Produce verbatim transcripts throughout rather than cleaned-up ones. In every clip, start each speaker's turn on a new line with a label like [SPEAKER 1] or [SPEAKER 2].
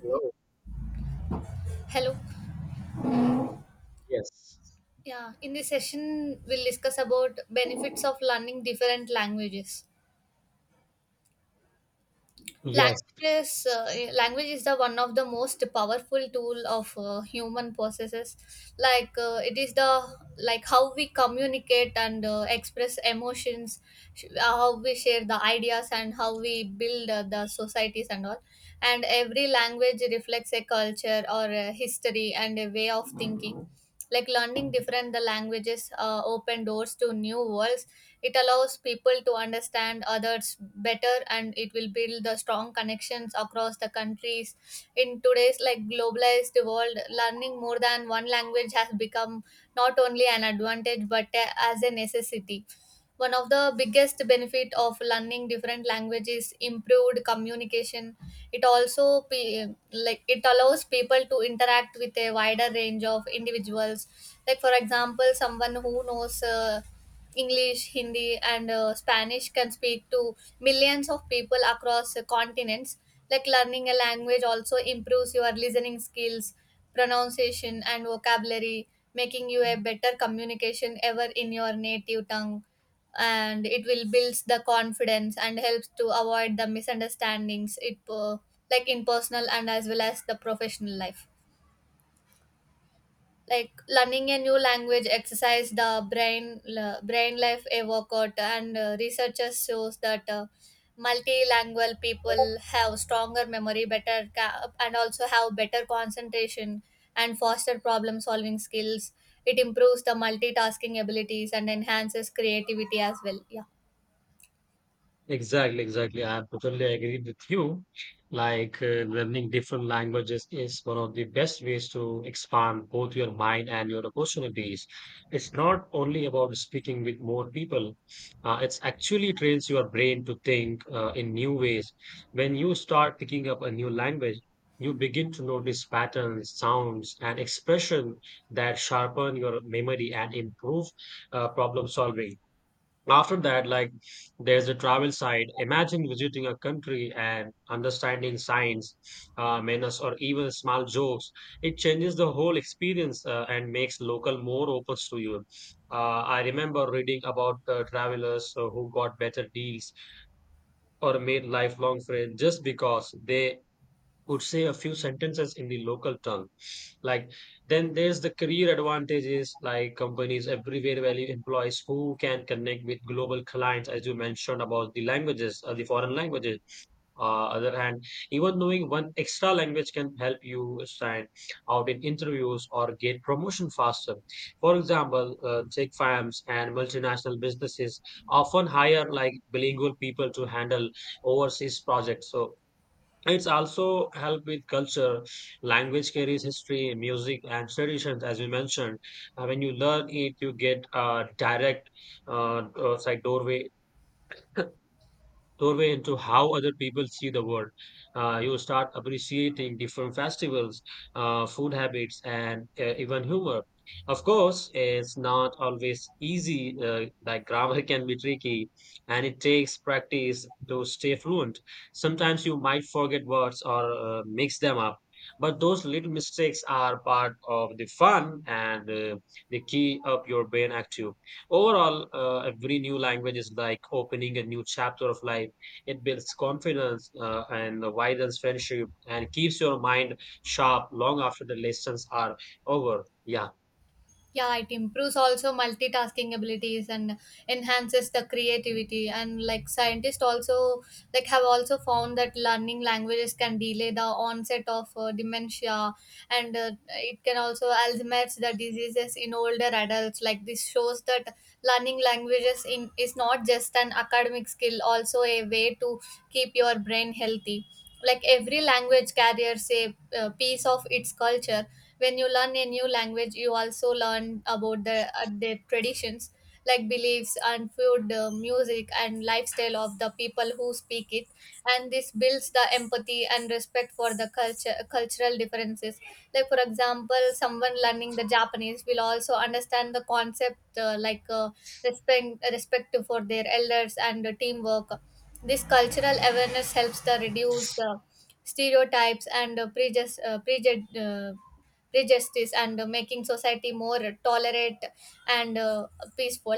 [SPEAKER 1] Hello.
[SPEAKER 2] Hello.
[SPEAKER 1] Yes.
[SPEAKER 2] Yeah, in this session, we'll discuss about benefits of learning different languages.
[SPEAKER 1] Yes.
[SPEAKER 2] Languages uh, eh, language is the one of the most powerful tool of uh, human processes like uh, it is the like how we communicate and uh, express emotions, sh- how we share the ideas and how we build uh, the societies and all. And every language reflects a culture or a history and a way of thinking. Like learning different the languages uh, open doors to new worlds. It allows people to understand others better and it will build the strong connections across the countries. In today's like globalized world, learning more than one language has become not only an advantage but a- as a necessity. One of the biggest benefit of learning different languages improved communication. It also pe- like it allows people to interact with a wider range of individuals. Like for example someone who knows uh, English, Hindi and uh, Spanish can speak to millions of people across uh, continents. Like learning a language also improves your listening skills, pronunciation and vocabulary, making you a better communication ever in your native tongue. And it will builds the confidence and helps to avoid the misunderstandings it uh, like in personal and as well as the professional life. Like learning a new language exercise the brain, l- brain life a workout. And uh, researchers shows that uh, multilingual people have stronger memory, better ca- and also have better concentration and foster problem solving skills. It improves the multitasking abilities and enhances creativity as well, yeah.
[SPEAKER 1] Exactly. Exactly. I totally agree with you. Like uh, learning different languages is one of the best ways to expand both your mind and your opportunities. It's not only about speaking with more people. Uh, it's actually trains your brain to think uh, in new ways. When you start picking up a new language, you begin to notice patterns, sounds, and expression that sharpen your memory and improve uh, problem solving. After that, like there's the travel side. Imagine visiting a country and understanding signs, uh, manners, or even small jokes. It changes the whole experience uh, and makes local more open to you. Uh, I remember reading about uh, travelers uh, who got better deals or made lifelong friends just because they could say a few sentences in the local tongue. Like then there's the career advantages, like companies everywhere value employees who can connect with global clients, as you mentioned about the languages, uh, the foreign languages. Uh, other hand, even knowing one extra language can help you stand out in interviews or get promotion faster. For example, uh, tech firms and multinational businesses often hire like bilingual people to handle overseas projects. So it's also help with culture. Language carries history, music, and traditions, as you mentioned. Uh, when you learn it, you get a direct, uh, uh, it's like doorway doorway into how other people see the world. Uh, you start appreciating different festivals, uh, food habits, and uh, even humor. Of course, it's not always easy. Uh, like grammar can be tricky, and it takes practice to stay fluent. Sometimes you might forget words or uh, mix them up. But those little mistakes are part of the fun and uh, they key up your brain active. Overall, uh, every new language is like opening a new chapter of life. It builds confidence uh, and widens friendship and keeps your mind sharp long after the lessons are over. Yeah.
[SPEAKER 2] Yeah, it improves also multitasking abilities and enhances the creativity. And like scientists also, like have also found that learning languages can delay the onset of uh, dementia. And uh, it can also Alzheimer's the diseases in older adults. Like this shows that learning languages in is not just an academic skill, also a way to keep your brain healthy. Like every language carries a, uh, piece of its culture. When you learn a new language you also learn about the uh, their traditions, like beliefs and food, uh, music and lifestyle of the people who speak it. And this builds the empathy and respect for the culture cultural differences. Like for example someone learning the Japanese will also understand the concept, uh, like uh, respect respect for their elders and uh, teamwork. This cultural awareness helps the reduce uh, stereotypes and uh, prejudice, uh, prejud- uh, prejudice, and uh, making society more tolerant and uh, peaceful.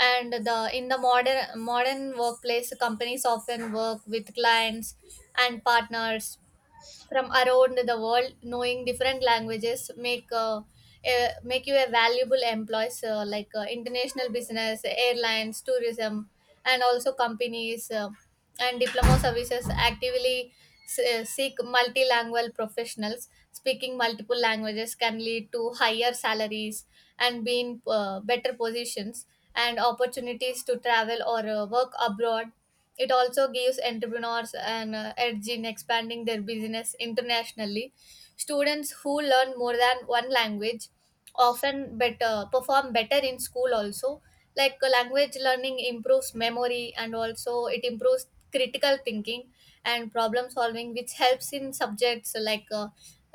[SPEAKER 2] And the in the modern modern workplace, companies often work with clients and partners from around the world. Knowing different languages make uh, uh, make you a valuable employees. Uh, like uh, international business, airlines, tourism and also companies uh, and diploma services actively se- seek multilingual professionals. Speaking multiple languages can lead to higher salaries and being uh, better positions and opportunities to travel or uh, work abroad. It also gives entrepreneurs an uh, edge in expanding their business internationally. Students who learn more than one language often better perform better in school also. Like uh, language learning improves memory and also it improves critical thinking and problem solving, which helps in subjects like uh,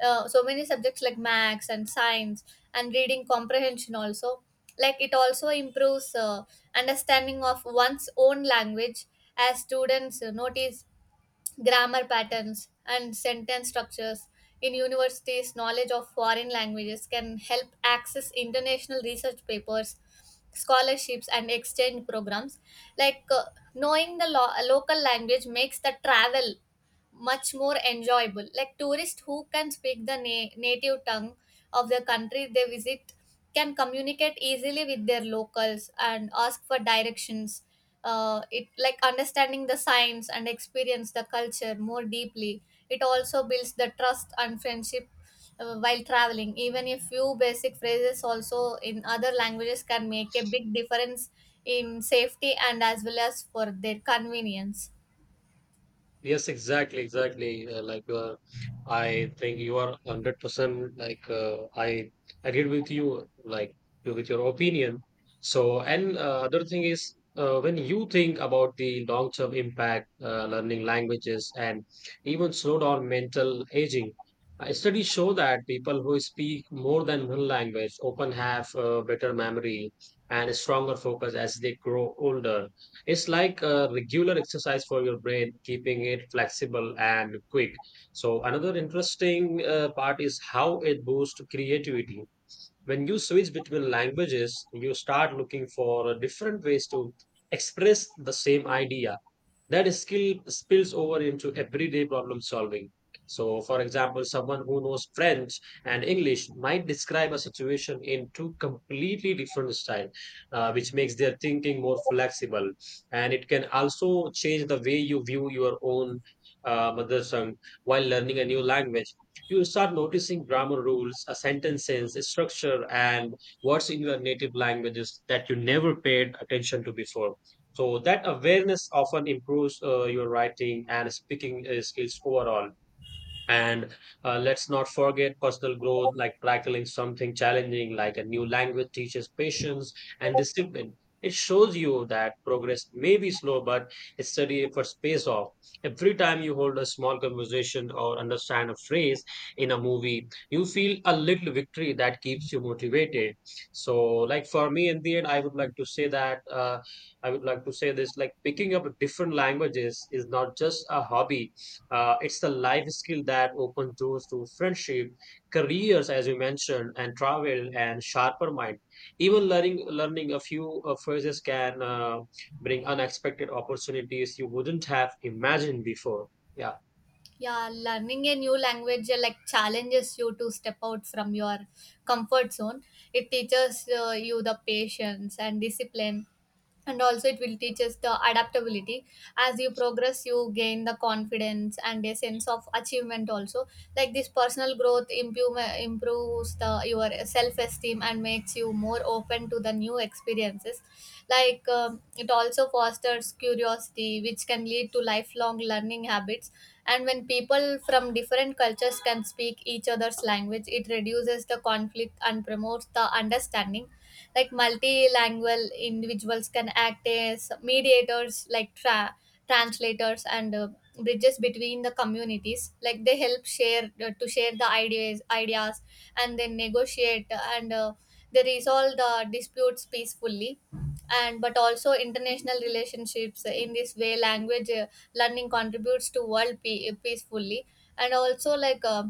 [SPEAKER 2] uh, so many subjects like maths and science and reading comprehension also. Like it also improves uh, understanding of one's own language as students uh, notice grammar patterns and sentence structures. In universities knowledge of foreign languages can help access international research papers, scholarships and exchange programs. like uh, Knowing the lo- local language makes the travel much more enjoyable. Like tourists who can speak the na- native tongue of the country they visit can communicate easily with their locals and ask for directions. Uh, it like understanding the signs and experience the culture more deeply. It also builds the trust and friendship uh, while traveling. Even a few basic phrases also in other languages can make a big difference in safety and as well as for their convenience.
[SPEAKER 1] Yes, exactly, exactly. Uh, like uh, I think you are one hundred percent like uh, I agree with you, like you- with your opinion. So, and uh, other thing is uh, when you think about the long-term impact, uh, learning languages and even slow down mental aging, uh, studies show that people who speak more than one language often have uh, better memory and stronger focus as they grow older. It's like a regular exercise for your brain, keeping it flexible and quick. So, another interesting uh, part is how it boosts creativity. When you switch between languages, you start looking for different ways to express the same idea that skill spills over into everyday problem solving. So, for example, someone who knows French and English might describe a situation in two completely different styles, uh, which makes their thinking more flexible. And it can also change the way you view your own uh, mother tongue while learning a new language. You start noticing grammar rules, a sentence sense, structure, and words in your native languages that you never paid attention to before, so that awareness often improves uh, your writing and speaking uh, skills overall. And uh, Let's not forget personal growth, like tackling something challenging, like a new language teaches patience and discipline. It shows you that progress may be slow, but it's steady efforts pays off. Every time you hold a small conversation or understand a phrase in a movie, you feel a little victory that keeps you motivated. So, like for me, in the end, I would like to say that uh, I would like to say this: like picking up different languages is not just a hobby; uh, it's the life skill that opens doors to friendship, careers, as you mentioned, and travel and sharper mind. Even learning learning a few uh, phrases can uh, bring unexpected opportunities you wouldn't have imagined before. Yeah,
[SPEAKER 2] Yeah, learning a new language uh, like challenges you to step out from your comfort zone. It teaches uh, you the patience and discipline, and also it will teach us the adaptability. As you progress, you gain the confidence and a sense of achievement. Also, like this personal growth improve, uh, improves the your self esteem and makes you more open to the new experiences. Like um, it also fosters curiosity which can lead to lifelong learning habits. And when people from different cultures can speak each other's language it reduces the conflict and promotes the understanding. Like multilingual individuals can act as mediators, like tra- translators and uh, bridges between the communities. Like they help share uh, to share the ideas ideas and then negotiate and uh, they resolve the disputes peacefully and but also international relationships. In this way language uh, learning contributes to world pe- uh, peacefully. And also like uh,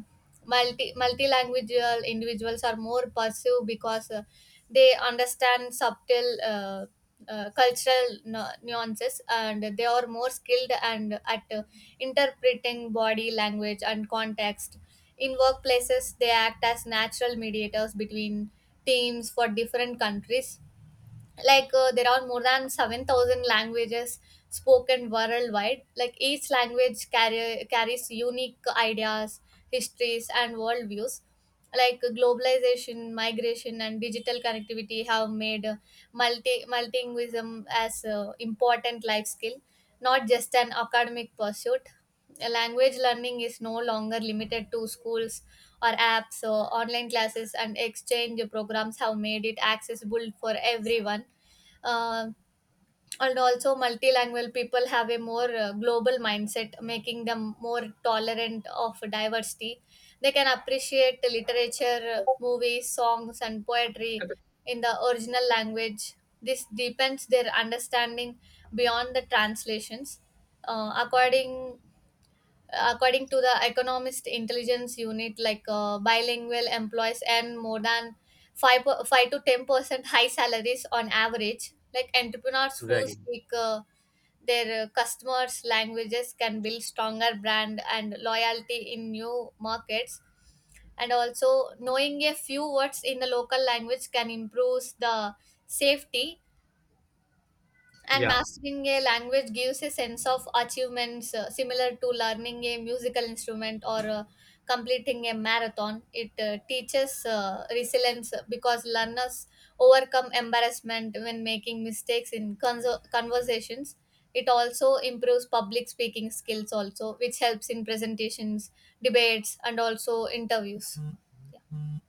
[SPEAKER 2] multi multilingual individuals are more passive because uh, they understand subtle uh, uh, cultural nu- nuances, and they are more skilled and at uh, interpreting body language and context. In workplaces they act as natural mediators between teams for different countries. Like uh, there are more than seven thousand languages spoken worldwide. Like each language carry, carries unique ideas, histories and worldviews. Like globalization, migration and digital connectivity have made uh, multi multilingualism as a important life skill, not just an academic pursuit. Uh, language learning is no longer limited to schools or apps, so online classes and exchange programs have made it accessible for everyone. Uh, and also multilingual people have a more uh, global mindset, making them more tolerant of diversity. They can appreciate literature, uh, movies, songs and poetry in the original language. This deepens their understanding beyond the translations. Uh, according according to the Economist Intelligence Unit, like uh, bilingual employees earn more than five, per- five to ten percent high salaries on average. Like entrepreneurs who
[SPEAKER 1] very.
[SPEAKER 2] speak uh, their uh, customers languages can build stronger brand and loyalty in new markets. And also knowing a few words in the local language can improve the safety. And
[SPEAKER 1] Yeah.
[SPEAKER 2] mastering a language gives a sense of achievements, uh, similar to learning a musical instrument or uh, completing a marathon. It uh, teaches uh, resilience because learners overcome embarrassment when making mistakes in conso- conversations. It also improves public speaking skills also, which helps in presentations, debates, and also interviews.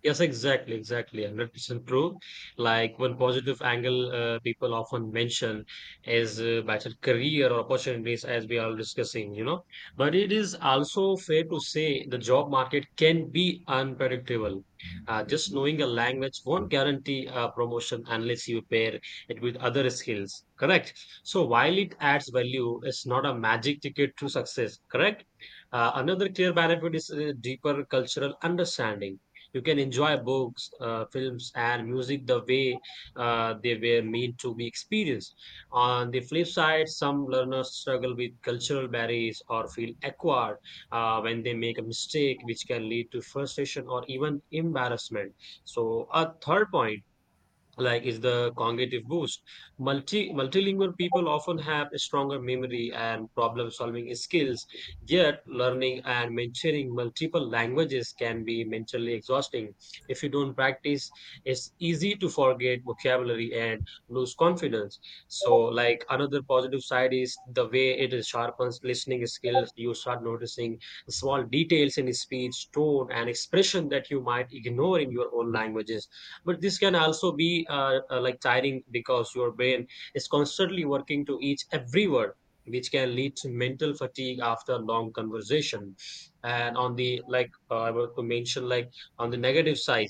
[SPEAKER 1] Yes, exactly, exactly. one hundred percent true. Like one positive angle uh, people often mention is uh, better career or opportunities, as we are discussing, you know. But it is also fair to say the job market can be unpredictable. Uh, just knowing a language won't guarantee a promotion unless you pair it with other skills, correct? So while it adds value, it's not a magic ticket to success, correct? Uh, another clear benefit is uh, deeper cultural understanding. You can enjoy books, uh, films, and music the way uh, they were meant to be experienced. On the flip side, some learners struggle with cultural barriers or feel awkward uh, when they make a mistake, which can lead to frustration or even embarrassment. So, a third point like is the cognitive boost. Multi multilingual people often have a stronger memory and problem solving skills, yet learning and maintaining multiple languages can be mentally exhausting. If you don't practice, it's easy to forget vocabulary and lose confidence. So like another positive side is the way it is sharpens listening skills. You start noticing small details in speech, tone, and expression that you might ignore in your own languages, but this can also be uh, uh, like tiring because your brain is constantly working to each every word, which can lead to mental fatigue after long conversation. And on the like uh, I want to mention like on the negative side,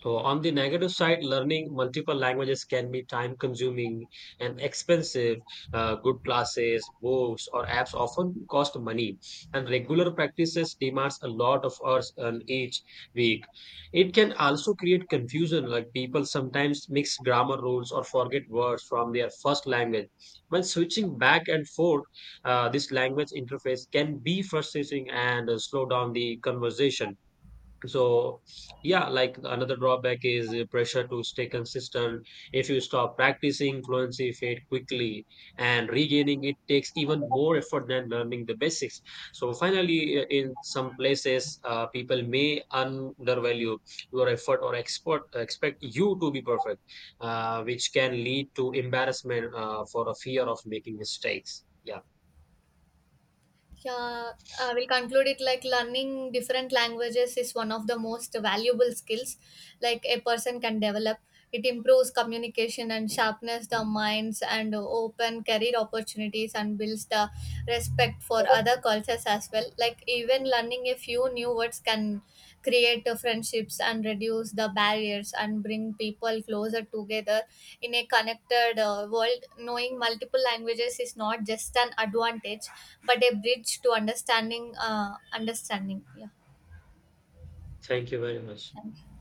[SPEAKER 1] so on the negative side, learning multiple languages can be time consuming and expensive. Uh, good classes, books, or apps often cost money, and regular practices demands a lot of hours on each week. It can also create confusion, like people sometimes mix grammar rules or forget words from their first language. When switching back and forth, uh, this language interface can be frustrating and uh, slow down the conversation. So, yeah, like another drawback is uh, pressure to stay consistent. If you stop practicing, fluency fade quickly, and regaining it takes even more effort than learning the basics. So, finally, uh, in some places, uh, people may undervalue your effort or expert, expect you to be perfect, uh, which can lead to embarrassment uh, for a fear of making mistakes. Yeah,
[SPEAKER 2] Yeah, I will conclude it. Like learning different languages is one of the most valuable skills like a person can develop. It improves communication and sharpens the minds and open career opportunities and builds the respect for other cultures as well. Like even learning a few new words can create uh, friendships and reduce the barriers and bring people closer together. In a connected uh, world, knowing multiple languages is not just an advantage, but a bridge to understanding. Uh, understanding. Yeah.
[SPEAKER 1] thank you very much.
[SPEAKER 2] Thank you.